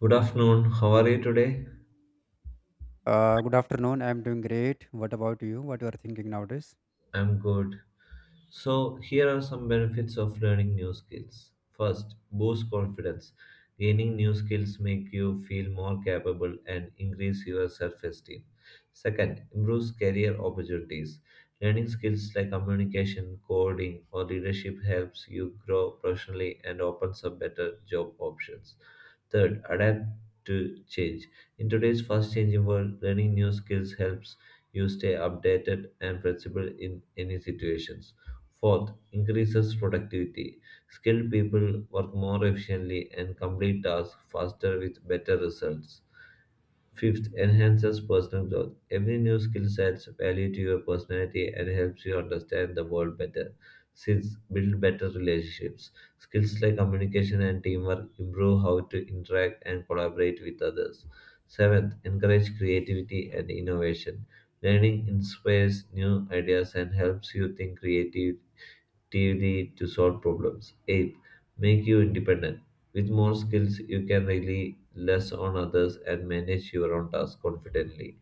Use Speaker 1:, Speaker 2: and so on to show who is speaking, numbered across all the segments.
Speaker 1: Good afternoon. How are you today?
Speaker 2: Good afternoon. I'm doing great. What about you? What you are thinking nowadays?
Speaker 1: I'm good. So, here are some benefits of learning new skills. First, boost confidence. Gaining new skills make you feel more capable and increase your self-esteem. Second, improves career opportunities. Learning skills like communication, coding, or leadership helps you grow professionally and opens up better job options. Third, adapt to change. In today's fast-changing world, learning new skills helps you stay updated and flexible in any situations. Fourth, increases productivity. Skilled people work more efficiently and complete tasks faster with better results. Fifth, enhances personal growth. Every new skill adds value to your personality and helps you understand the world better. Sixth, build better relationships. Skills like communication and teamwork improve how to interact and collaborate with others. Seventh, encourage creativity and innovation. Learning inspires new ideas and helps you think creative creativity to solve problems. 8. Make you independent. With more skills, you can rely less on others and manage your own tasks confidently.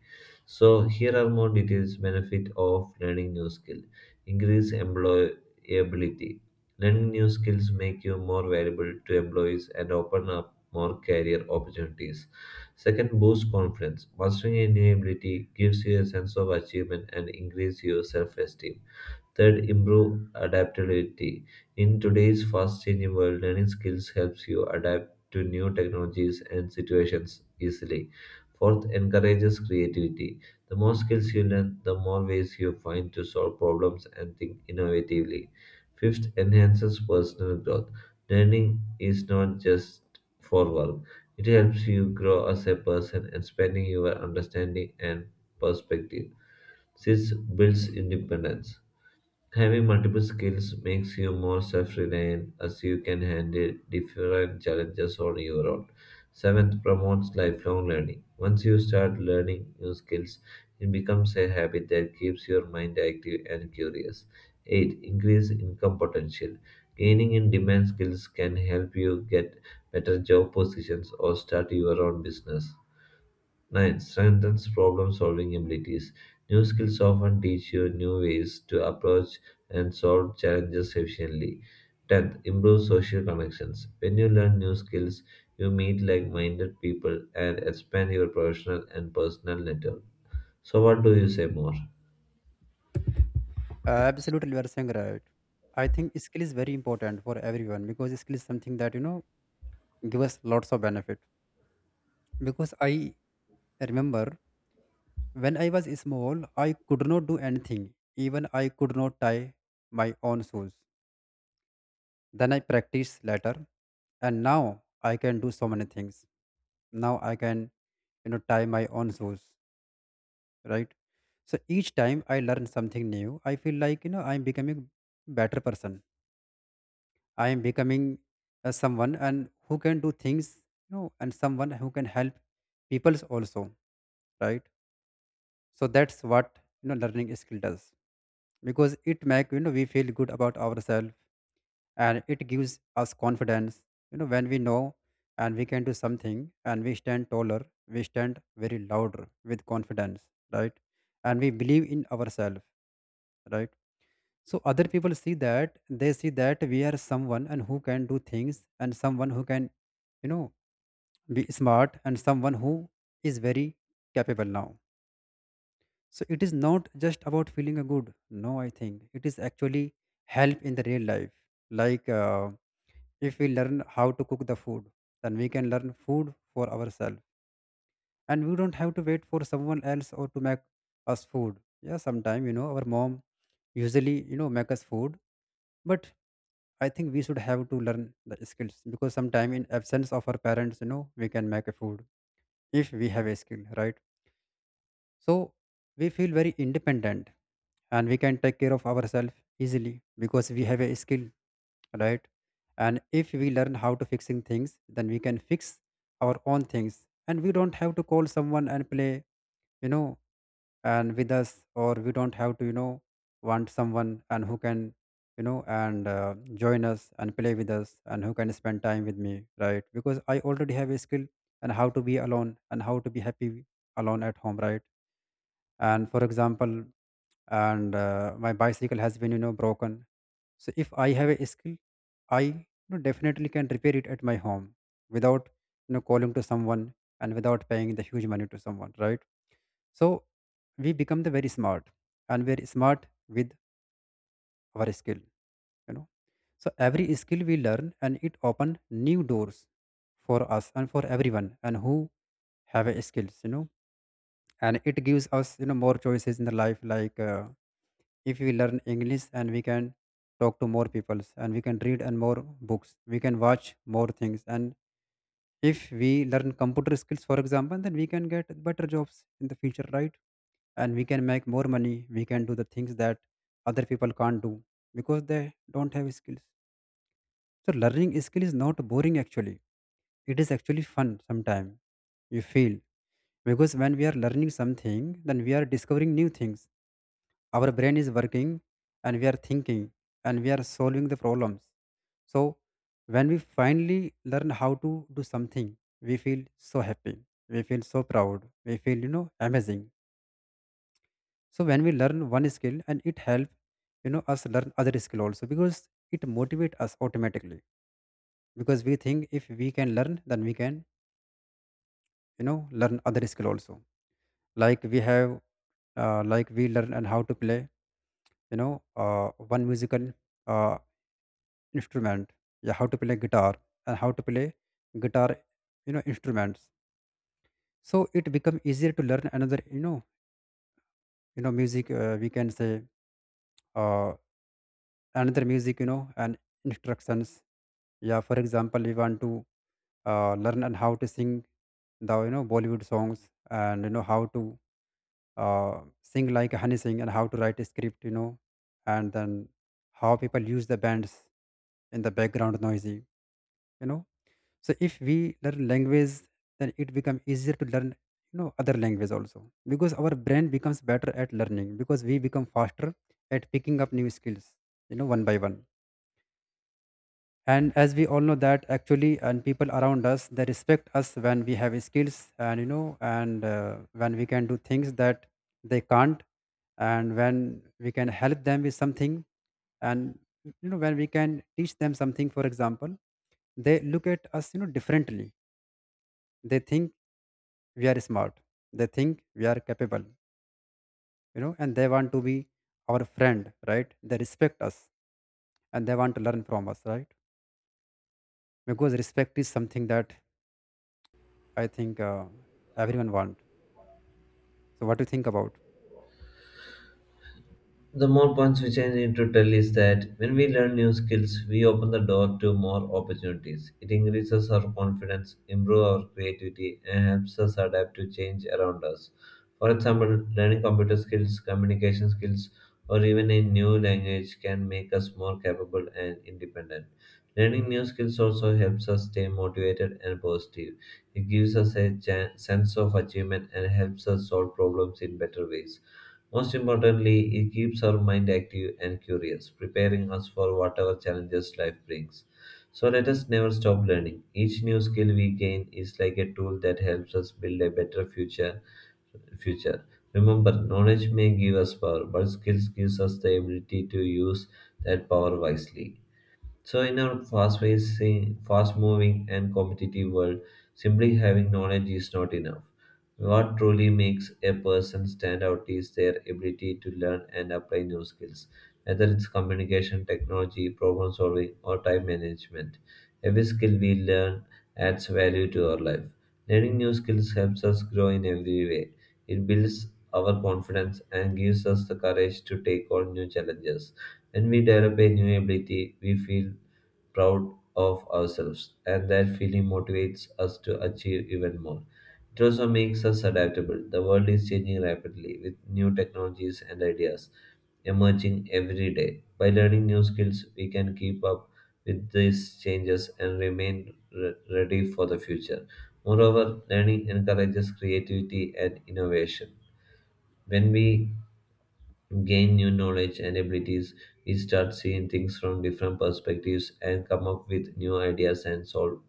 Speaker 1: So, here are more details benefit of learning new skill. Increase employability. Learning new skills make you more valuable to employees and open up more career opportunities. Second, boost confidence. Mastering a new ability gives you a sense of achievement and increase your self-esteem. Third, improve adaptability. In today's fast changing world, learning skills helps you adapt to new technologies and situations easily. Fourth, encourages creativity. The more skills you learn, the more ways you find to solve problems and think innovatively. Fifth, enhances personal growth. Learning is not just for work. It helps you grow as a person, expanding your understanding and perspective. Sixth, builds independence. Having multiple skills makes you more self reliant as you can handle different challenges on your own. Seventh, promotes lifelong learning. Once you start learning new skills, it becomes a habit that keeps your mind active and curious. Eight, increase income potential. Gaining in demand skills can help you get better job positions or start your own business. 9. Strengthens problem solving abilities. New skills often teach you new ways to approach and solve challenges efficiently. 10. Improves social connections. When you learn new skills, you meet like minded people and expand your professional and personal network. So, what do you say more?
Speaker 2: Absolutely, you are saying right. I think skill is very important for everyone, because skill is something that give us lots of benefit. Because I remember when I was small, I could not do anything. Even I could not tie my own shoes. Then I practiced later, and now I can do so many things. Now I can tie my own shoes. Right. So each time I learn something new, I feel like I'm becoming better person. I am becoming someone and who can do things, and someone who can help peoples also, right. So that's what learning skill does, because it make we feel good about ourselves, and it gives us confidence when we know and we can do something and we stand taller. We stand very louder with confidence, right. And we believe in ourselves, right. So other people see that, they see that we are someone and who can do things, and someone who can you know be smart, and someone who is very capable now. So it is not just about feeling a good. No, I think it is actually help in the real life. Like, if we learn how to cook the food, then we can learn food for ourselves, and we don't have to wait for someone else or to make us food. Yeah, sometime our mom usually make us food. But I think we should have to learn the skills, because sometime in absence of our parents, we can make a food if we have a skill, right? So we feel very independent, and we can take care of ourselves easily because we have a skill, right? And if we learn how to fixing things, then we can fix our own things, and we don't have to call someone and play, you know, and with us, or we don't have to want someone and who can you know and join us and play with us and who can spend time with me, right, because I already have a skill and how to be alone and how to be happy alone at home, right. And for example, and my bicycle has been broken. So if I have a skill, I definitely can repair it at my home, without calling to someone, and without paying the huge money to someone, right. So we become the very smart, and we're smart with our skill, you know. So every skill we learn, and it open new doors for us and for everyone and who have a skills. And it gives us, more choices in the life. Like, if we learn English, and we can talk to more peoples, and we can read and more books, we can watch more things. And if we learn computer skills, for example, then we can get better jobs in the future, right? And we can make more money, we can do the things that other people can't do because they don't have skills. So learning skill is not boring actually, it is actually fun sometimes, you feel, because when we are learning something, then we are discovering new things, our brain is working, and we are thinking, and we are solving the problems. So when we finally learn how to do something, we feel so happy, we feel so proud, we feel amazing. So when we learn one skill, and it help us learn other skill also, because it motivate us automatically, because we think if we can learn, then we can learn other skill also. like we have like we learn and how to play you know uh, one musical uh, instrument. Yeah, how to play guitar, and how to play guitar instruments. So it become easier to learn another music, we can say, uh, another music and instructions. Yeah, for example, we want to learn and how to sing the Bollywood songs, and how to uh, sing like Honey Sing, and how to write a script. And then how people use the bands in the background noisy you know so if we learn language, then it become easier to learn other language also, because our brain becomes better at learning, because we become faster at picking up new skills, one by one. And as we all know that actually, and people around us, they respect us when we have skills, and you know and when we can do things that they can't, and when we can help them with something, and when we can teach them something, for example, they look at us differently. They think we are smart, they think we are capable, and they want to be our friend, right. They respect us, and they want to learn from us, right. Because respect is something that I think everyone want. So what do you think about?
Speaker 1: The more points which I need to tell is that when we learn new skills, we open the door to more opportunities. It increases our confidence, improves our creativity, and helps us adapt to change around us. For example, learning computer skills, communication skills, or even a new language can make us more capable and independent. Learning new skills also helps us stay motivated and positive. It gives us a sense of achievement and helps us solve problems in better ways. Most importantly, it keeps our mind active and curious, preparing us for whatever challenges life brings. So let us never stop learning. Each new skill we gain is like a tool that helps us build a better future. Remember, knowledge may give us power, but skills gives us the ability to use that power wisely. So, in our fast-facing, fast-moving, and competitive world, simply having knowledge is not enough. What truly makes a person stand out is their ability to learn and apply new skills, whether it's communication, technology, problem solving, or time management. Every skill we learn adds value to our life. Learning new skills helps us grow in every way. It builds our confidence and gives us the courage to take on new challenges. When we develop a new ability, we feel proud of ourselves, and that feeling motivates us to achieve even more. It also makes us adaptable. The world is changing rapidly with new technologies and ideas emerging every day. By learning new skills, we can keep up with these changes and remain ready for the future. Moreover, learning encourages creativity and innovation. When we gain new knowledge and abilities. We start seeing things from different perspectives and come up with new ideas and solve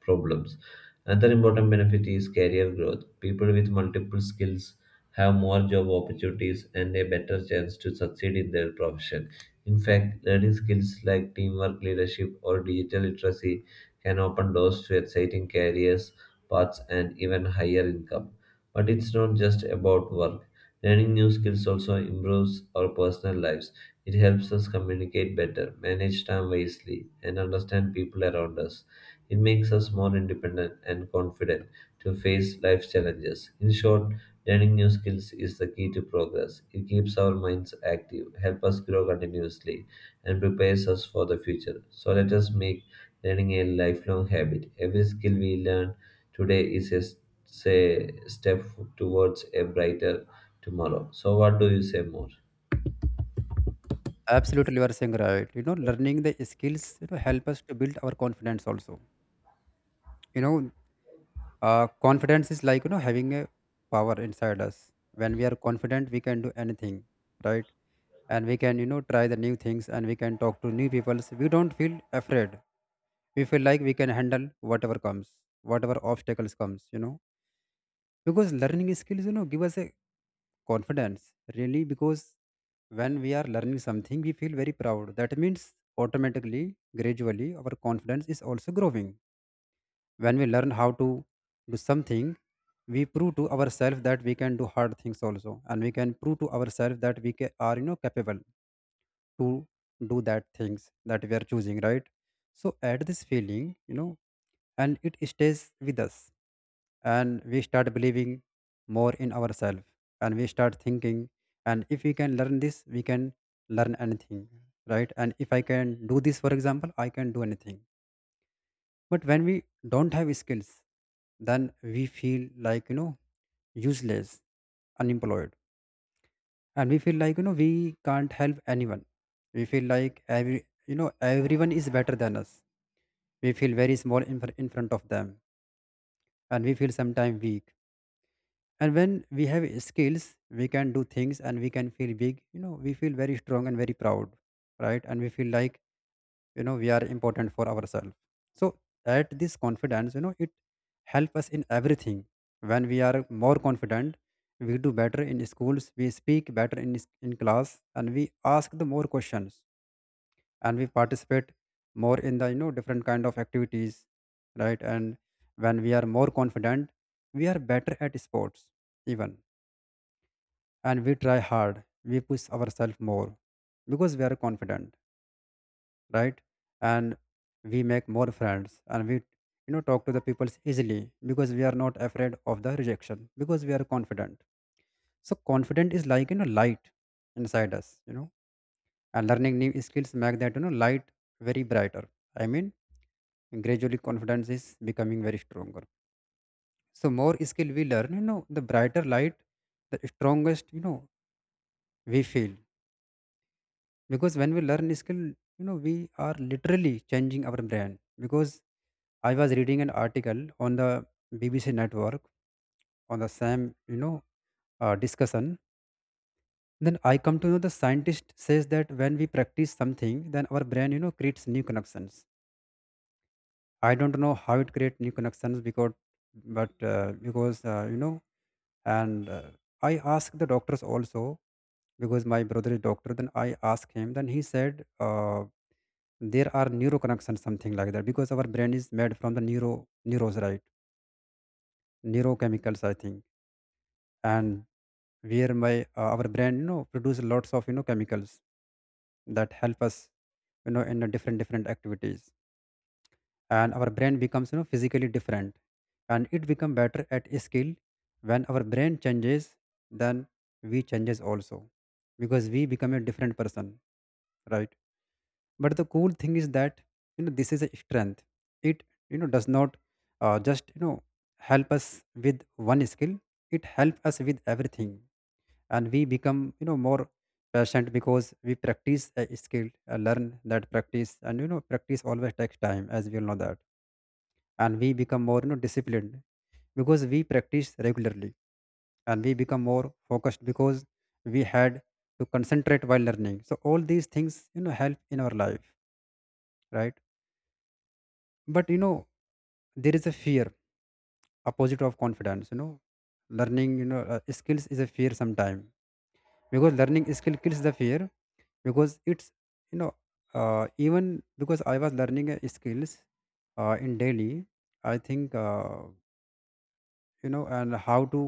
Speaker 1: problems. Another important benefit is career growth. People with multiple skills have more job opportunities and a better chance to succeed in their profession. In fact, learning skills like teamwork, leadership, or digital literacy can open doors to exciting careers, paths, and even higher income. But it's not just about work. Learning new skills also improves our personal lives. It helps us communicate better, manage time wisely, and understand people around us. It makes us more independent and confident to face life's challenges. In short, learning new skills is the key to progress. It keeps our minds active, helps us grow continuously, and prepares us for the future. So let us make learning a lifelong habit. Every skill we learn today is a step towards a brighter tomorrow. So what do you say more?
Speaker 2: Absolutely, you are saying right. You know, learning the skills help us to build our confidence also. You know, confidence is like having a power inside us. When we are confident, we can do anything, right? And we can try the new things, and we can talk to new people. So, we don't feel afraid. We feel like we can handle whatever comes, whatever obstacles comes. Because learning skills give us a confidence really, because when we are learning something, we feel very proud, that means automatically, gradually our confidence is also growing. When we learn how to do something, we prove to ourselves that we can do hard things also, and we can prove to ourselves that are capable to do that things that we are choosing, right? So add this feeling, and it stays with us, and we start believing more in ourselves, and we start thinking, and if we can learn this, we can learn anything, right? And if I can do this, for example, I can do anything. But when we don't have skills, then we feel like, useless, unemployed. And we feel like, we can't help anyone. We feel like everyone is better than us. We feel very small in front of them. And we feel sometimes weak. And when we have skills, we can do things and we can feel big. You know, we feel very strong and very proud, right? And we feel like we are important for ourselves. So at this confidence, it help us in everything. When we are more confident, we do better in schools, we speak better in class, and we ask the more questions, and we participate more in the different kind of activities, right. And when we are more confident, we are better at sports even, and we try hard, we push ourselves more because we are confident, right. And we make more friends, and we talk to the people easily, because we are not afraid of the rejection because we are confident. So confident is like light inside us. And learning new skills make that light very brighter. I mean, gradually confidence is becoming very stronger. So more skill we learn, the brighter light, the strongest we feel. Because when we learn skill, we are literally changing our brain. Because I was reading an article on the BBC network on the same, discussion. Then I come to know the scientist says that when we practice something, then our brain, creates new connections. I don't know how it creates new connections because, but because you know, and I asked the doctors also, because my brother is doctor. Then I asked him. Then he said there are neuro connections, something like that, because our brain is made from the neuros, right? Neurochemicals, I think. And where my our brain produce lots of chemicals that help us in a different different activities. And our brain becomes physically different, and it become better at a skill. When our brain changes, then we changes also, because we become a different person, right. But the cool thing is that this is a strength. It does not just help us with one skill, it helps us with everything. And we become more patient, because we practice a skill, learn that practice, and practice always takes time, as we all know that. And we become more disciplined, because we practice regularly. And we become more focused because we had to concentrate while learning, so all these things help in our life, right. But there is a fear, opposite of confidence. Learning skills is a fear sometime, because learning skill kills the fear, because it's you know even because I was learning skills in daily, I think, and how to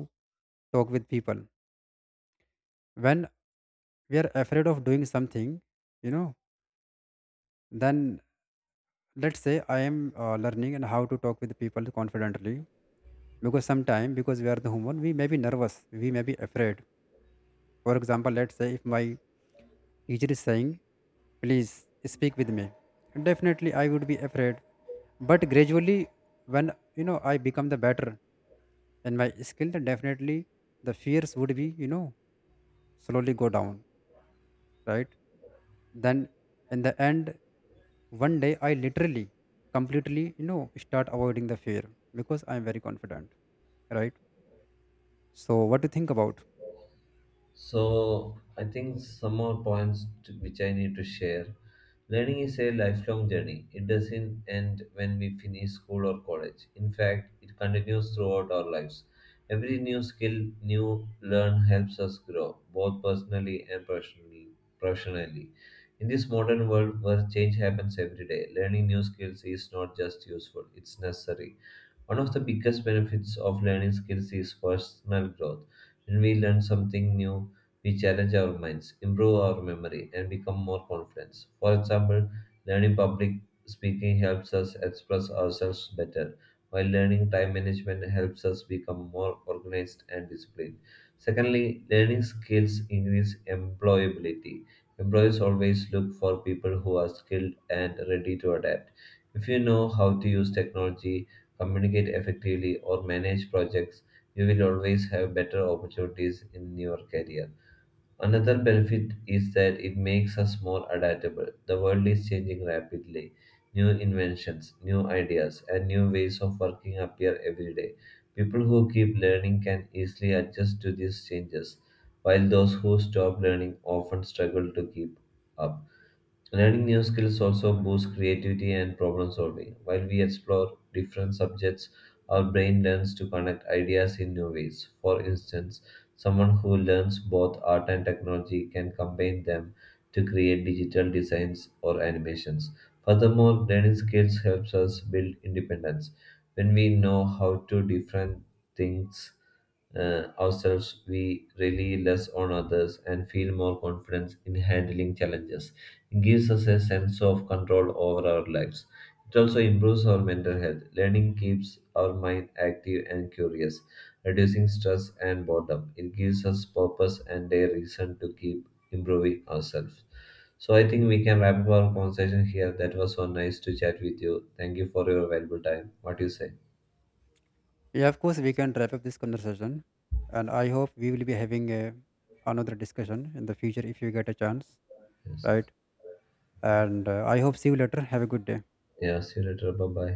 Speaker 2: talk with people. When we are afraid of doing something, you know then let's say I am learning and how to talk with people confidently, because sometimes, because we are the human, we may be nervous, we may be afraid. For example, let's say if my teacher is saying, please speak with me, definitely I would be afraid. But gradually, when I become the better in my skill, then definitely the fears would be slowly go down, right. Then in the end, one day I literally completely start avoiding the fear, because I'm very confident, right. So what do you think about?
Speaker 1: So I think some more points to, which I need to share. Learning is a lifelong journey. It doesn't end when we finish school or college. In fact, it continues throughout our lives. Every new skill, new learn helps us grow, both personally and personally, professionally. In this modern world where change happens every day, learning new skills is not just useful, it's necessary. One of the biggest benefits of learning skills is personal growth. When we learn something new, we challenge our minds, improve our memory, and become more confident. For example, learning public speaking helps us express ourselves better, while learning time management helps us become more organized and disciplined. Secondly, learning skills increase employability. Employers always look for people who are skilled and ready to adapt. If you know how to use technology, communicate effectively, or manage projects, you will always have better opportunities in your career. Another benefit is that it makes us more adaptable. The world is changing rapidly. New inventions, new ideas, and new ways of working appear every day. People who keep learning can easily adjust to these changes, while those who stop learning often struggle to keep up. Learning new skills also boosts creativity and problem solving. While we explore different subjects, our brain learns to connect ideas in new ways. For instance, someone who learns both art and technology can combine them to create digital designs or animations. Furthermore, learning skills helps us build independence. When we know how to different things ourselves, we rely less on others and feel more confident in handling challenges. It gives us a sense of control over our lives. It also improves our mental health. Learning keeps our mind active and curious, reducing stress and boredom. It gives us purpose and a reason to keep improving ourselves. So I think we can wrap up our conversation here. That was so nice to chat with you. Thank you for your valuable time. What do you say?
Speaker 2: Yeah, of course we can wrap up this conversation, and I hope we will be having another discussion in the future if you get a chance, right. And I hope, see you later, have a good day.
Speaker 1: Yeah, see you later. Bye bye.